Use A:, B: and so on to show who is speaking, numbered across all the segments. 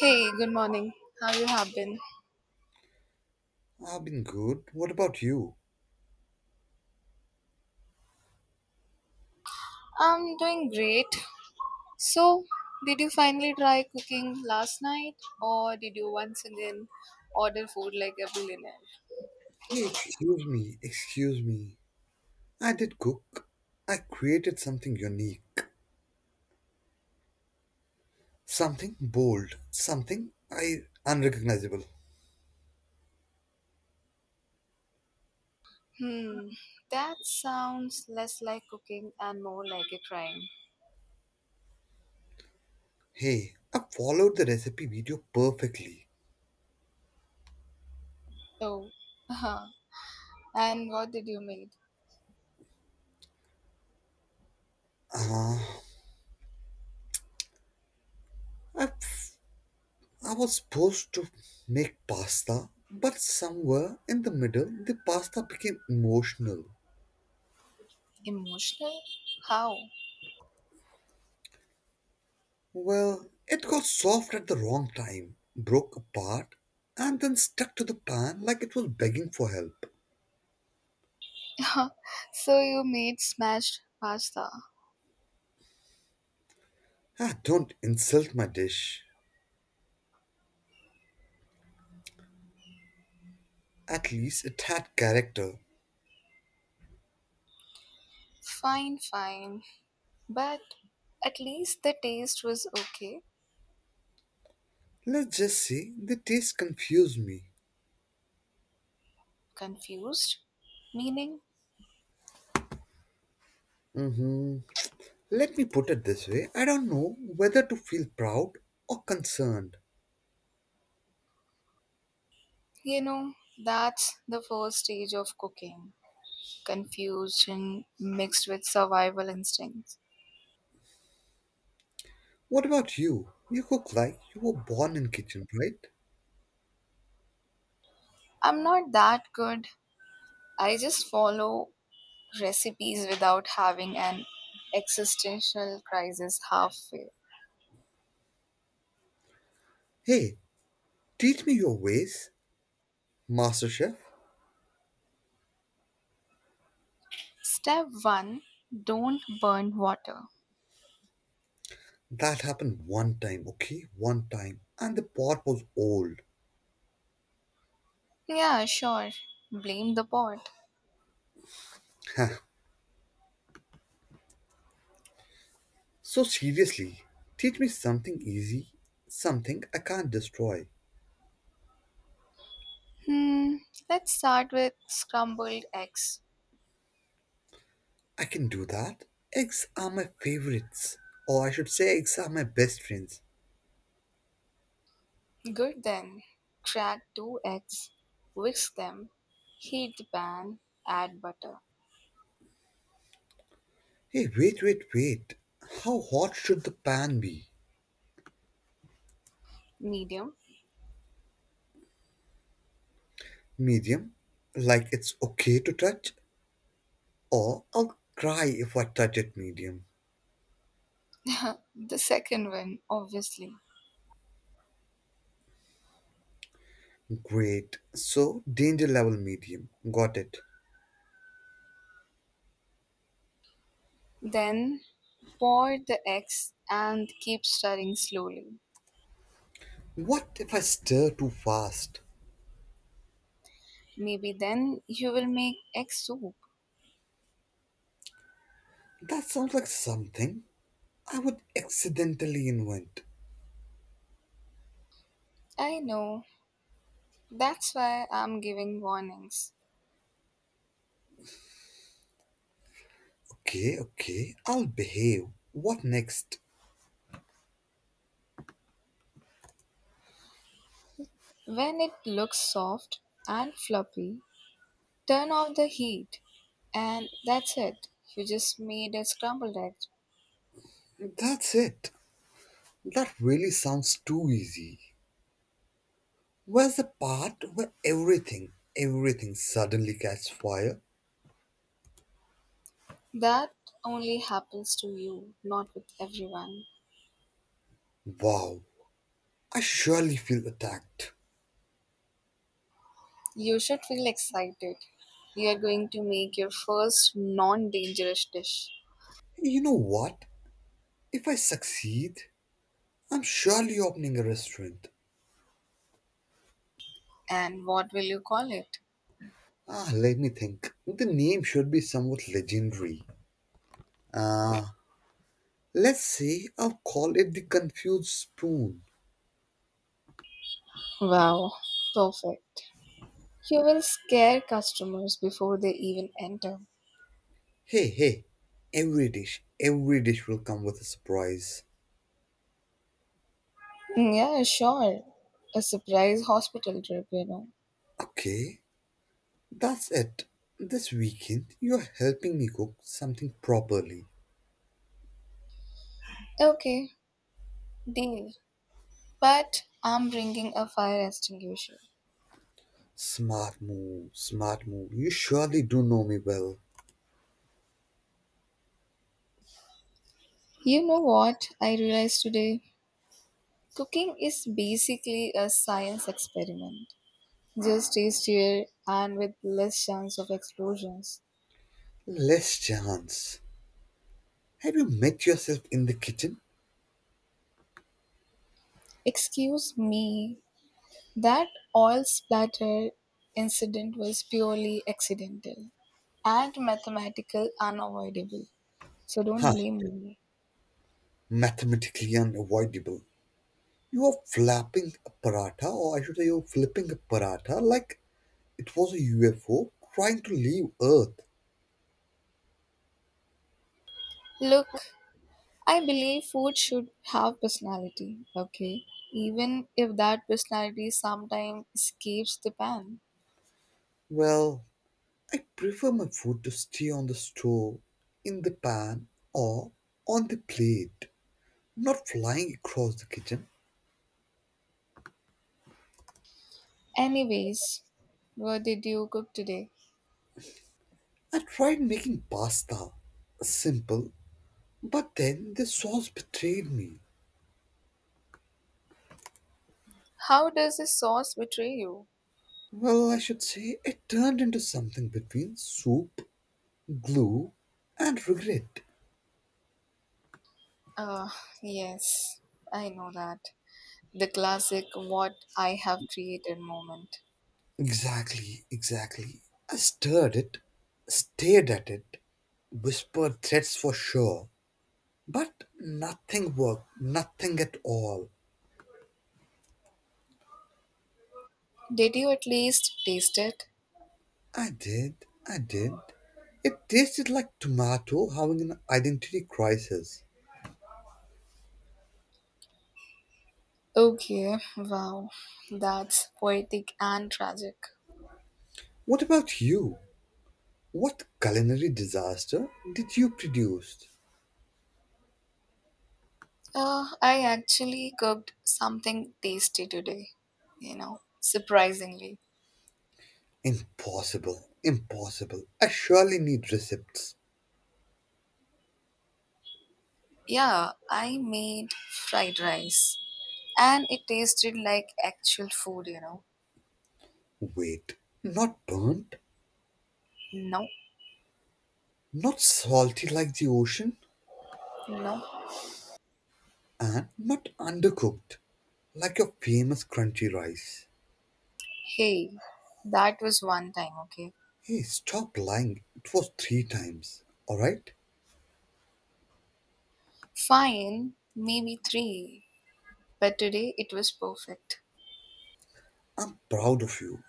A: Hey, good morning. How you have been?
B: I've been good. What about you?
A: I'm doing great. So, did you finally try cooking last night or did you once again order food like a billionaire?
B: Hey, excuse me, excuse me. I did cook. I created something unique, something bold, something I unrecognizable.
A: Hmm, that sounds less like cooking and more like a crime.
B: Hey, I followed the recipe video perfectly.
A: Oh, uh-huh. And what did you make?
B: I, f- I was supposed to make pasta, but somewhere in the middle, the pasta became emotional.
A: Emotional? How?
B: Well, it got soft at the wrong time, broke apart, and then stuck to the pan like it was begging for help.
A: So you made smashed pasta.
B: Don't insult my dish. At least it had character.
A: Fine, fine. But at least the taste was okay.
B: Let's just say the taste confused me.
A: Confused meaning,
B: Hmm. Let me put it this way, I don't know whether to feel proud or concerned.
A: you know that's the first stage of cooking, confusion mixed with survival instincts.
B: What about you? You cook like you were born in kitchen, right?
A: I'm not that good. I just follow recipes without having an existential crisis halfway.
B: Hey, teach me your ways, Master Chef.
A: Step 1, don't burn water.
B: That happened one time, okay? One time. And the pot was old.
A: Yeah, sure, blame the pot.
B: Huh. So seriously, teach me something easy, something I can't destroy.
A: hmm let's start with scrambled eggs.
B: I can do that. Eggs are my favorites. Or I should say, eggs are my best friends.
A: Good then. Crack two eggs, whisk them, heat the pan, add butter.
B: Hey, wait. How hot should the pan be?
A: Medium.
B: Medium? Like it's okay to touch? Or I'll cry if I touch it medium.
A: The second one, obviously.
B: Great. So, danger level medium. Got it.
A: Then pour the eggs and keep stirring slowly.
B: What if I stir too fast?
A: Maybe then you will make egg soup.
B: That sounds like something I would accidentally invent.
A: I know. That's why I'm giving warnings.
B: Okay, I'll behave. What next?
A: When it looks soft and fluffy, turn off the heat. And that's it. You just made a scrambled egg.
B: That's it. That really sounds too easy. Where's the part where everything suddenly catches fire?
A: That only happens to you, not with everyone.
B: Wow, I surely feel attacked.
A: You should feel excited. You are going to make your first non dangerous dish.
B: Hey, you know what? If I succeed, I'm surely opening a restaurant.
A: And what will you call it?
B: Ah, let me think. The name should be somewhat legendary. Ah, let's say I'll call it the Confused Spoon.
A: Wow, perfect. You will scare customers before they even enter.
B: Hey, every dish will come with a surprise.
A: Mm, yeah, sure. A surprise hospital trip,
B: Okay, that's it. This weekend, you're helping me cook something properly.
A: Okay, deal. But I'm bringing a fire extinguisher.
B: Smart move. You surely do know me well.
A: You know what I realized today? Cooking is basically a science experiment, just tastier and with less chance of explosions.
B: Less chance. Have you met yourself in the kitchen?
A: Excuse me, that oil splatter incident was purely accidental and mathematical unavoidable. So don't
B: Huh,
A: blame me.
B: mathematically unavoidable. You are flapping a paratha, or I should say, you're flipping a paratha like it was a UFO trying to leave Earth.
A: Look, I believe food should have personality, okay? Even if that personality sometimes escapes the pan.
B: Well, I prefer my food to stay on the stove, in the pan, or on the plate, not flying across the kitchen.
A: Anyways, what did you cook today?
B: I tried making pasta, simple, but then the sauce betrayed me.
A: How does the sauce betray you?
B: Well, I should say it turned into something between soup, glue, and regret.
A: Uh, yes, I know that. The classic what I have created moment.
B: Exactly. I stirred it, stared at it, whispered threats for sure, but nothing worked, nothing at all.
A: Did you at least taste it?
B: I did, I did. It tasted like tomato having an identity crisis.
A: Okay, wow, that's poetic and tragic.
B: What about you? What culinary disaster did you produce?
A: I actually cooked something tasty today, surprisingly.
B: Impossible. I surely need receipts.
A: Yeah, I made fried rice and it tasted like actual food.
B: Wait, not burnt,
A: No,
B: not salty like the ocean,
A: no.
B: and not undercooked like your famous crunchy rice.
A: Hey, that was one time, okay?
B: Hey, stop lying. It was three times. Alright?
A: Fine, maybe three, but today it was perfect.
B: I'm proud of you.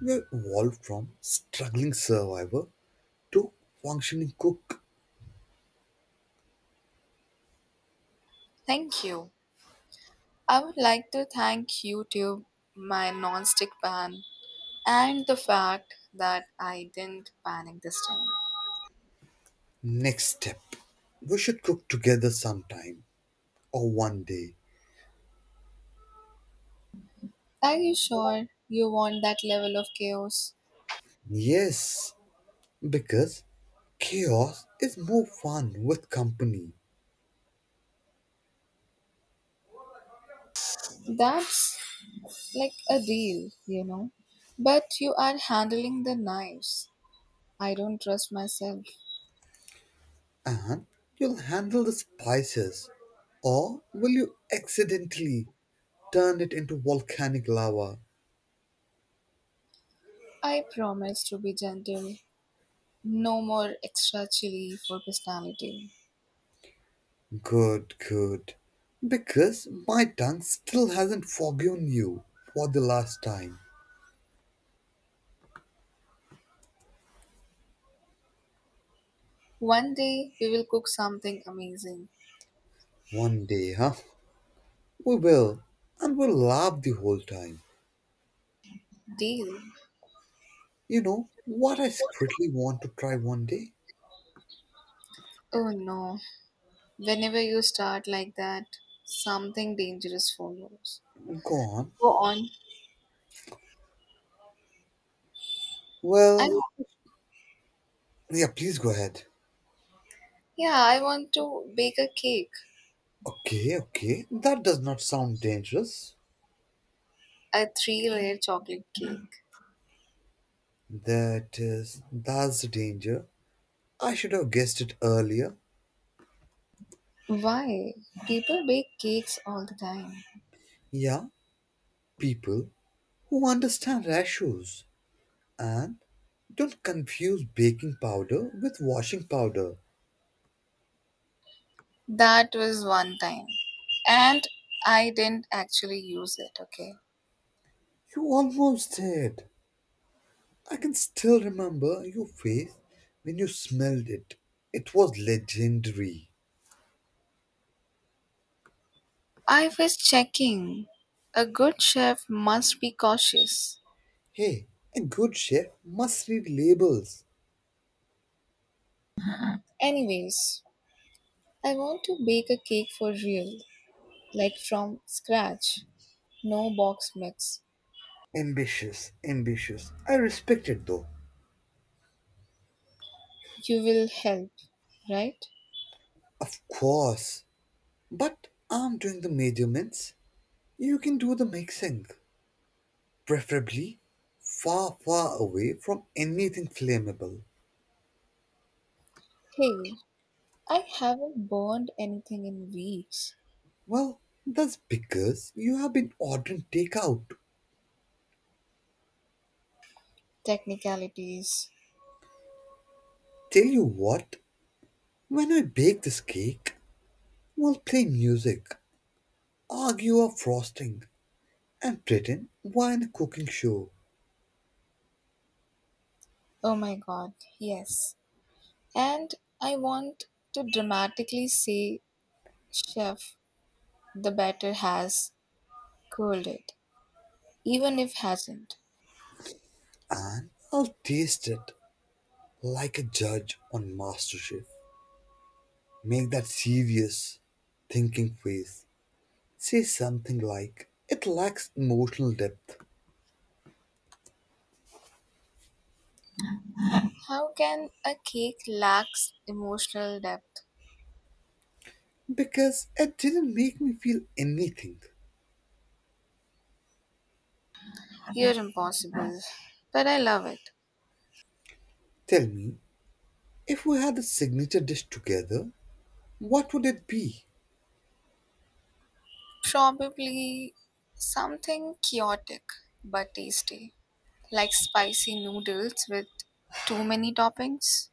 B: You evolved from struggling survivor to functioning cook.
A: Thank you. I would like to thank YouTube, my non-stick pan, and the fact that I didn't panic this time.
B: Next step. We should cook together sometime or one day.
A: Are you sure you want that level of chaos?
B: Yes, because chaos is more fun with company.
A: That's like a deal, But you are handling the knives. I don't trust myself.
B: And you'll handle the spices. Or will you accidentally turn it into volcanic lava?
A: I promise to be gentle. No more extra chili for personality.
B: Good. Because my tongue still hasn't forgiven you for the last time.
A: One day we will cook something amazing.
B: One day, huh? We will. And we'll laugh the whole time.
A: Deal.
B: You know what I secretly want to try one day?
A: Oh no. Whenever you start like that, something dangerous follows.
B: Go on.
A: Go on. I
B: Well, yeah, please go ahead.
A: Yeah, I want to bake a cake.
B: Okay. That does not sound dangerous.
A: A three layer chocolate cake.
B: That's the danger. I should have guessed it earlier.
A: Why? People bake cakes all the time.
B: Yeah, people who understand ratios and don't confuse baking powder with washing powder.
A: That was one time. And I didn't actually use it, okay?
B: You almost did. I can still remember your face when you smelled it. It was legendary.
A: I was checking. A good chef must be cautious.
B: Hey, a good chef must read labels.
A: Anyways, I want to bake a cake for real, like from scratch. No box mix.
B: Ambitious. I respect it though.
A: You will help, right?
B: Of course. But I'm doing the measurements. You can do the mixing. Preferably far away from anything flammable.
A: Hey, I haven't burned anything in weeks.
B: Well, that's because you have been ordering takeout.
A: Technicalities.
B: Tell you what, when I bake this cake, we'll play music, argue over frosting, and pretend we're in a cooking show.
A: Oh my god, yes. And I want to dramatically say, Chef, the batter has cooled it, even if hasn't.
B: And I'll taste it like a judge on MasterChef. Make that serious, thinking face. Say something like, it lacks emotional depth
A: How can a cake lack emotional depth?
B: because it didn't make me feel anything.
A: You're impossible. But I love it.
B: Tell me, if we had a signature dish together, what would it be?
A: Probably something chaotic but tasty. Like spicy noodles with too many toppings?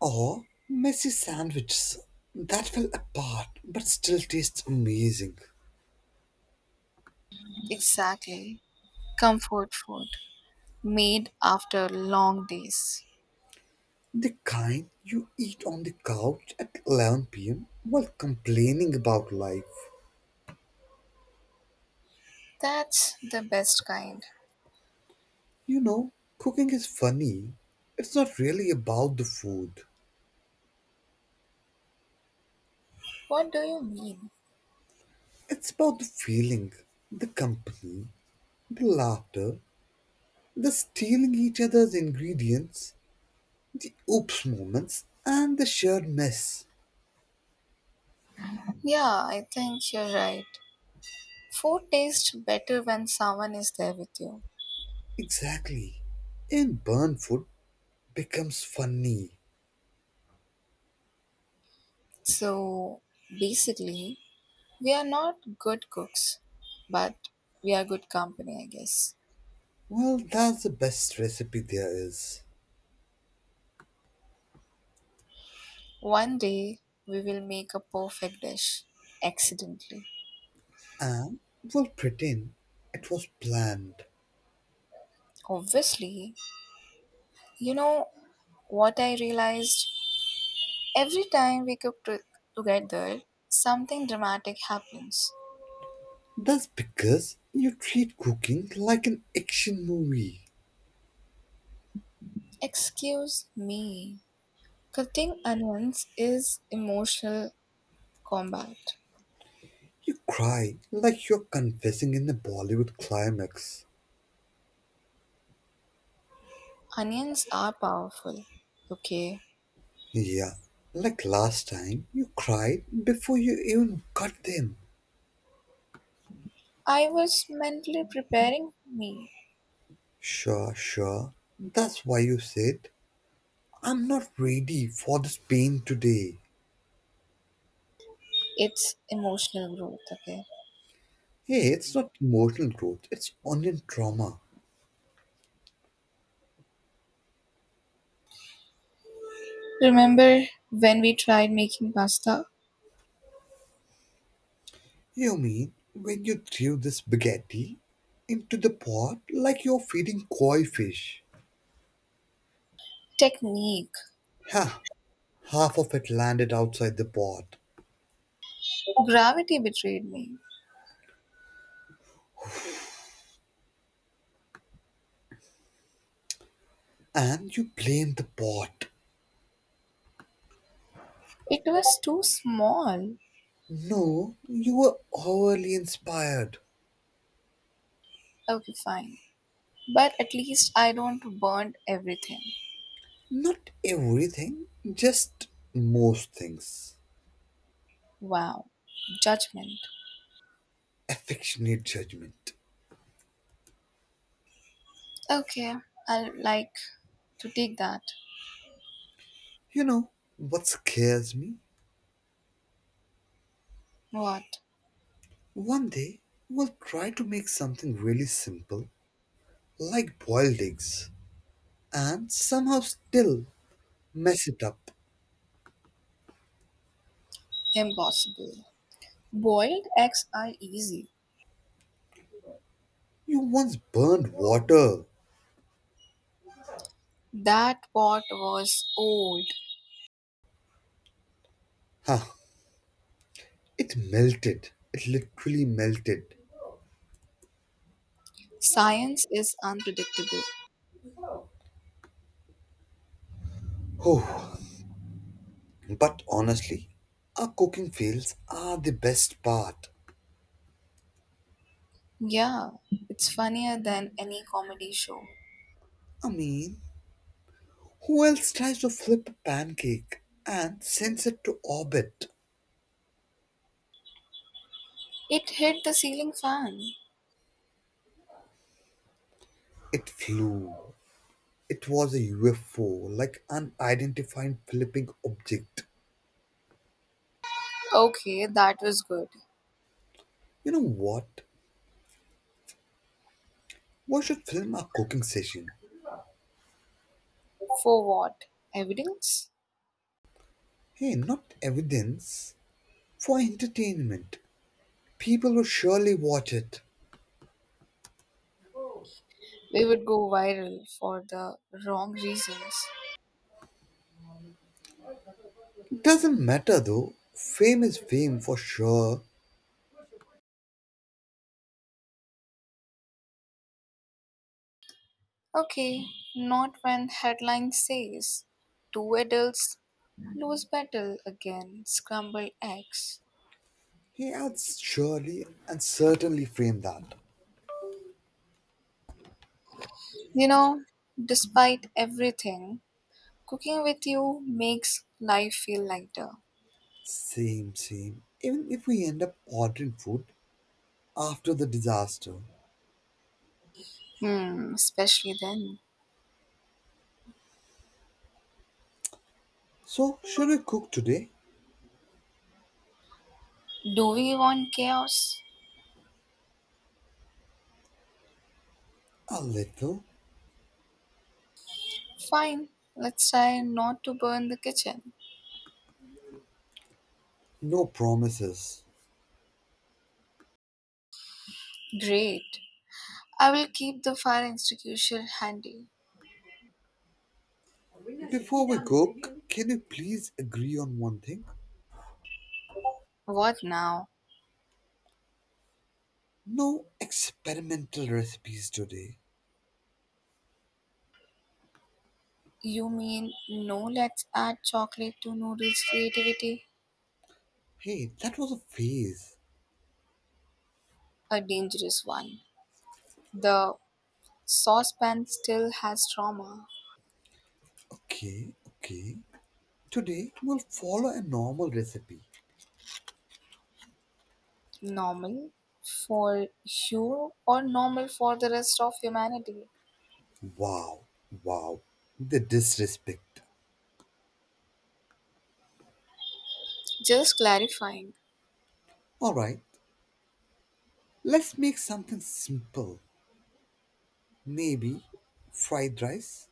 B: Or messy sandwiches that fell apart but still taste amazing.
A: Exactly. Comfort food. Made after long days.
B: The kind you eat on the couch at 11 p.m. while complaining about life.
A: That's the best kind.
B: You know, cooking is funny. It's not really about the food,
A: What do you mean?
B: it's about the feeling, the company, the laughter, the stealing each other's ingredients, the oops moments, and the shared mess.
A: Yeah, I think you're right. Food tastes better when someone is there with you.
B: Exactly. And burnt food becomes funny.
A: So basically, we are not good cooks, but we are good company, I guess.
B: Well, that's the best recipe there is.
A: One day, we will make a perfect dish accidentally.
B: And will pretend it was planned.
A: Obviously, you know what I realized? Every time together, something dramatic happens.
B: That's because you treat cooking like an action movie.
A: Excuse me. Cutting onions is emotional combat.
B: You cry like you're confessing in a Bollywood climax.
A: Onions are powerful. Okay,
B: Yeah, like last time, you cried before you even cut them.
A: I was mentally preparing me.
B: Sure. That's why you said, I'm not ready for this pain today.
A: It's emotional growth, okay?
B: Hey, it's not emotional growth, it's onion trauma.
A: Remember when we tried making pasta?
B: You mean when you threw the spaghetti into the pot like you're feeding koi fish?
A: Technique.
B: Ha! Half of it landed outside the pot.
A: Gravity betrayed me.
B: And you blamed the pot.
A: It was too small.
B: No, you were overly inspired.
A: Okay, fine. But at least I don't burn everything.
B: Not everything, just most things.
A: Wow. Judgment.
B: Affectionate judgment.
A: Okay, I'll like to take that.
B: You know what scares me?
A: What?
B: One day we'll try to make something really simple, like boiled eggs, and somehow still mess it up.
A: Impossible. Boiled eggs are easy.
B: You once burned water.
A: That pot was old.
B: Huh. It melted. It literally melted.
A: Science is unpredictable.
B: Oh, but honestly, our cooking fails are the best part.
A: Yeah, it's funnier than any comedy show.
B: I mean, who else tries to flip a pancake and sends it to orbit?
A: It hit the ceiling fan.
B: It flew. It was a UFO, like unidentified flipping object.
A: Okay, that was good.
B: You know what? We should film our cooking session.
A: For what? Evidence?
B: Hey, not evidence, for entertainment. People will surely watch it.
A: We would go viral for the wrong reasons.
B: Doesn't matter though. Fame is fame for sure.
A: Okay, not when headline says two adults lose battle again, scrambled eggs.
B: He adds surely and certainly frame that.
A: You know, despite everything, cooking with you makes life feel lighter.
B: Same. Even if we end up ordering food after the disaster.
A: Hmm, especially then.
B: So, should we cook today?
A: Do we want chaos?
B: A little.
A: Fine, let's try not to burn the kitchen.
B: No promises.
A: Great. I will keep the fire extinguisher handy.
B: Before we cook, can you please agree on one thing?
A: What now?
B: No experimental recipes today.
A: You mean no let's add chocolate to noodles creativity?
B: Hey, that was a phase.
A: A dangerous one. The saucepan still has trauma.
B: Okay. Today, we'll follow a normal recipe.
A: Normal for you or normal for the rest of humanity?
B: Wow, wow, the disrespect.
A: Just clarifying.
B: Alright, let's make something simple. Maybe fried rice?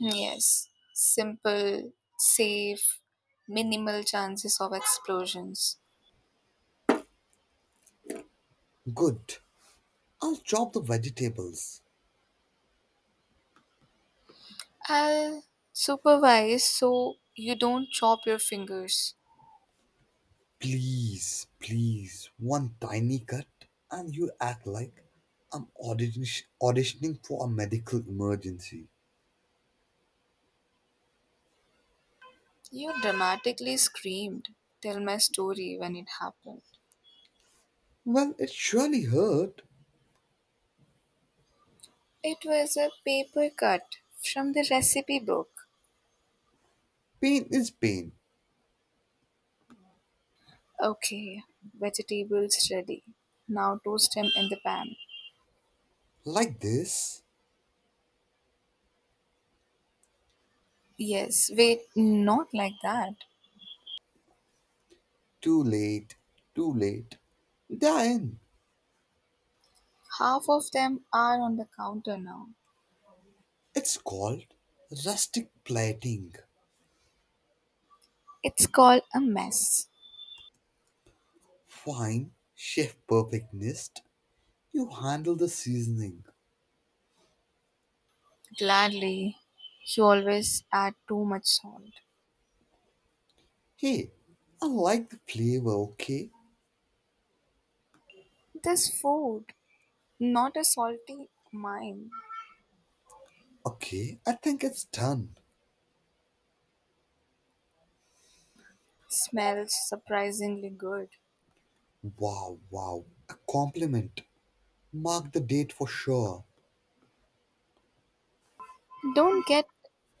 A: Yes, simple, safe, minimal chances of explosions.
B: Good. I'll chop the vegetables.
A: I'll supervise so you don't chop your fingers.
B: Please, one tiny cut, and you act like I'm auditioning for a medical emergency.
A: You dramatically screamed. Tell my story when it happened.
B: Well, it surely hurt.
A: It was a paper cut from the recipe book.
B: Pain is pain.
A: Okay, vegetables ready. Now toast them in the pan.
B: Like this.
A: Yes, wait, not like that.
B: Too late, too late. Then
A: Half of them are on the counter now.
B: it's called rustic plating.
A: It's called a mess.
B: Fine chef perfectionist, you handle the seasoning.
A: Gladly, you always add too much salt.
B: Hey, I like the flavor, okay?
A: This food not a salty mime.
B: Okay, I think it's done.
A: Smells surprisingly good.
B: Wow, a compliment. Mark the date for sure.
A: Don't get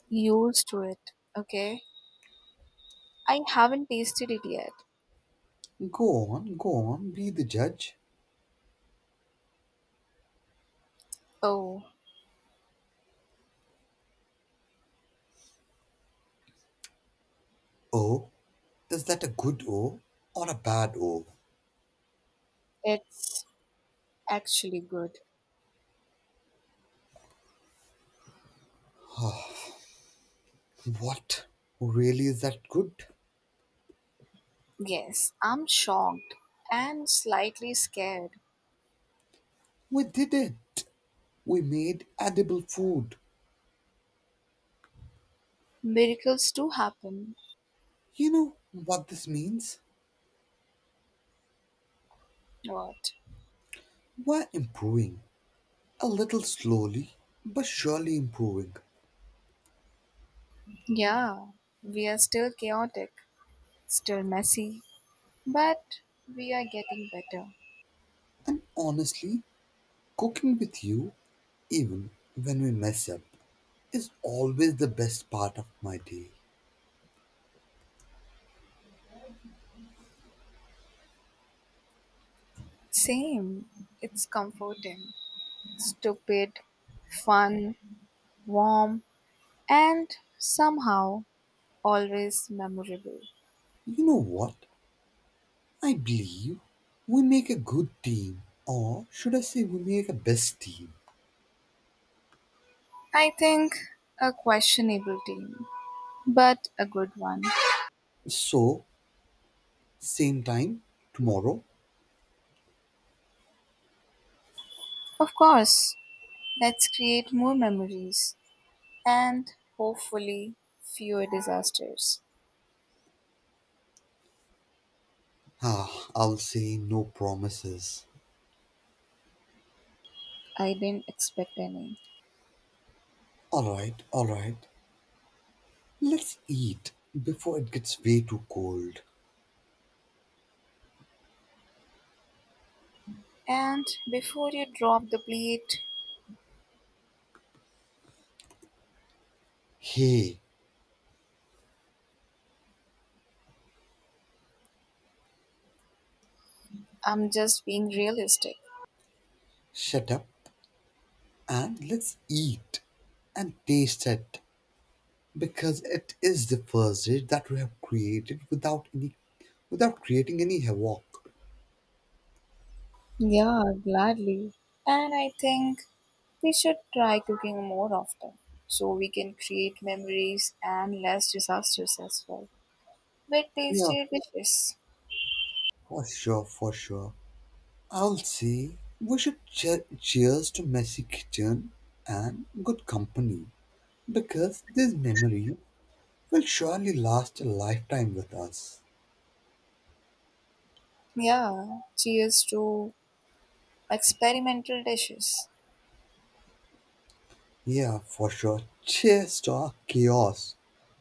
A: used to it, okay? I haven't tasted it yet.
B: Go on, be the judge.
A: Oh,
B: Oh, is that a good O or a bad O?
A: it's actually good.
B: What? Really, is that good?
A: Yes, I'm shocked and slightly scared.
B: We did it. We made edible food.
A: Miracles do happen.
B: You know what this means?
A: What?
B: We're improving. A little slowly, but surely improving.
A: Yeah, we are still chaotic, still messy, but we are getting better.
B: And honestly, cooking with you, even when we mess up, is always the best part of my day.
A: Same. It's comforting. Stupid, fun, warm, and somehow always memorable.
B: You know what? I believe we make a good team, or should I say, we make a best team.
A: I think a questionable team, but a good one.
B: So, same time tomorrow?
A: Of course, let's create more memories and hopefully fewer disasters.
B: Ah, I'll say no promises.
A: I didn't expect any.
B: Alright. Let's eat before it gets way too cold.
A: And before you drop the plate,
B: Hey,
A: I'm just being realistic.
B: shut up and let's eat and taste it because it is the first dish that we have created without creating any havoc.
A: Yeah, gladly. And I think we should try cooking more often so we can create memories and less disasters as well. With
B: Yeah,
A: tasty dishes.
B: for sure. I'll say we should cheers to messy kitchen and good company because this memory will surely last a lifetime with us.
A: Yeah, cheers to experimental dishes.
B: Yeah, for sure. Just or chaos.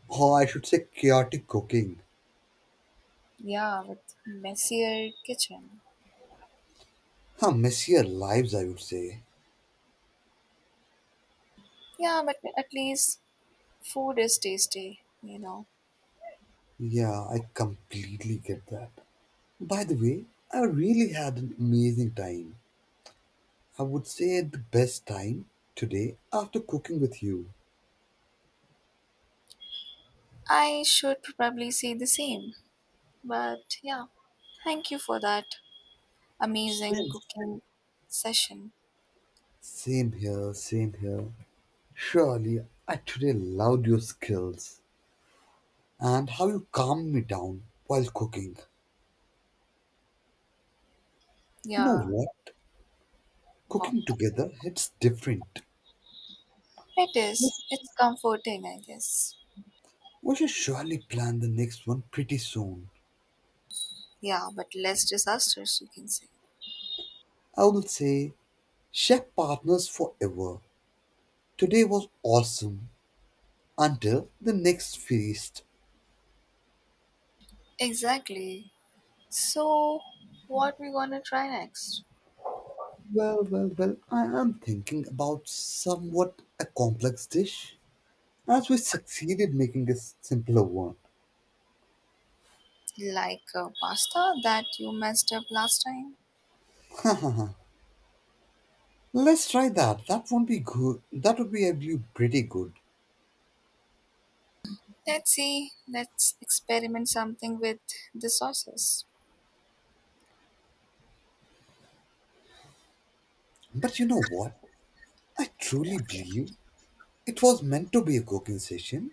B: Or I should say chaotic cooking.
A: Yeah, with messier kitchen.
B: Huh, messier lives, I would say.
A: Yeah, but at least food is tasty,
B: Yeah, I completely get that. By the way, I really had an amazing time. I would say the best time today after cooking with you.
A: I should probably say the same. But yeah, thank you for that amazing
B: Same,
A: cooking session.
B: same here. Surely, I today loved your skills and how you calmed me down while cooking. You know
A: Yeah,
B: what?
A: well,
B: Cooking together hits different.
A: it is. It's comforting, I guess.
B: We should surely plan the next one pretty soon.
A: Yeah, but less disastrous, you can say.
B: I will say, chef partners forever. Today was awesome until the next feast.
A: Exactly. So, what we gonna try next?
B: Well, I am thinking about somewhat a complex dish. As we succeeded making a simpler one.
A: Like pasta that you messed up last time?
B: Let's try that. That won't be good. That would be, I believe, pretty good.
A: Let's see. Let's experiment something with the sauces.
B: But you know what? I truly believe it was meant to be a cooking session,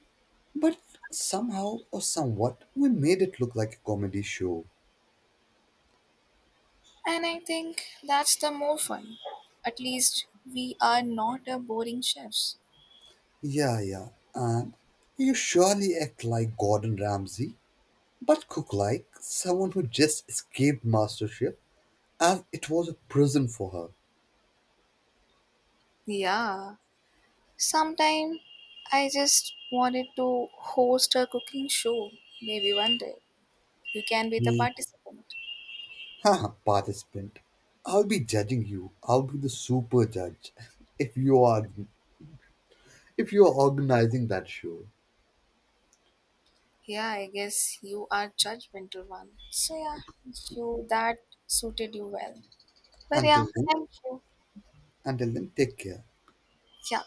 B: but somehow or somewhat we made it look like a comedy show.
A: And I think that's the more fun. At least we are not a boring chefs.
B: Yeah, and you surely act like Gordon Ramsay, but cook like someone who just escaped mastership as it was a prison for her.
A: Yeah. Sometime I just wanted to host a cooking show. Maybe one day you can be the
B: Hmm.
A: participant.
B: Haha, participant. I'll be judging you. I'll be the super judge if you are if you are organizing that show.
A: Yeah, I guess you are judgmental one. So yeah, you that suited you well. But yeah,
B: Until then,
A: thank you.
B: until then, take care.
A: Yeah.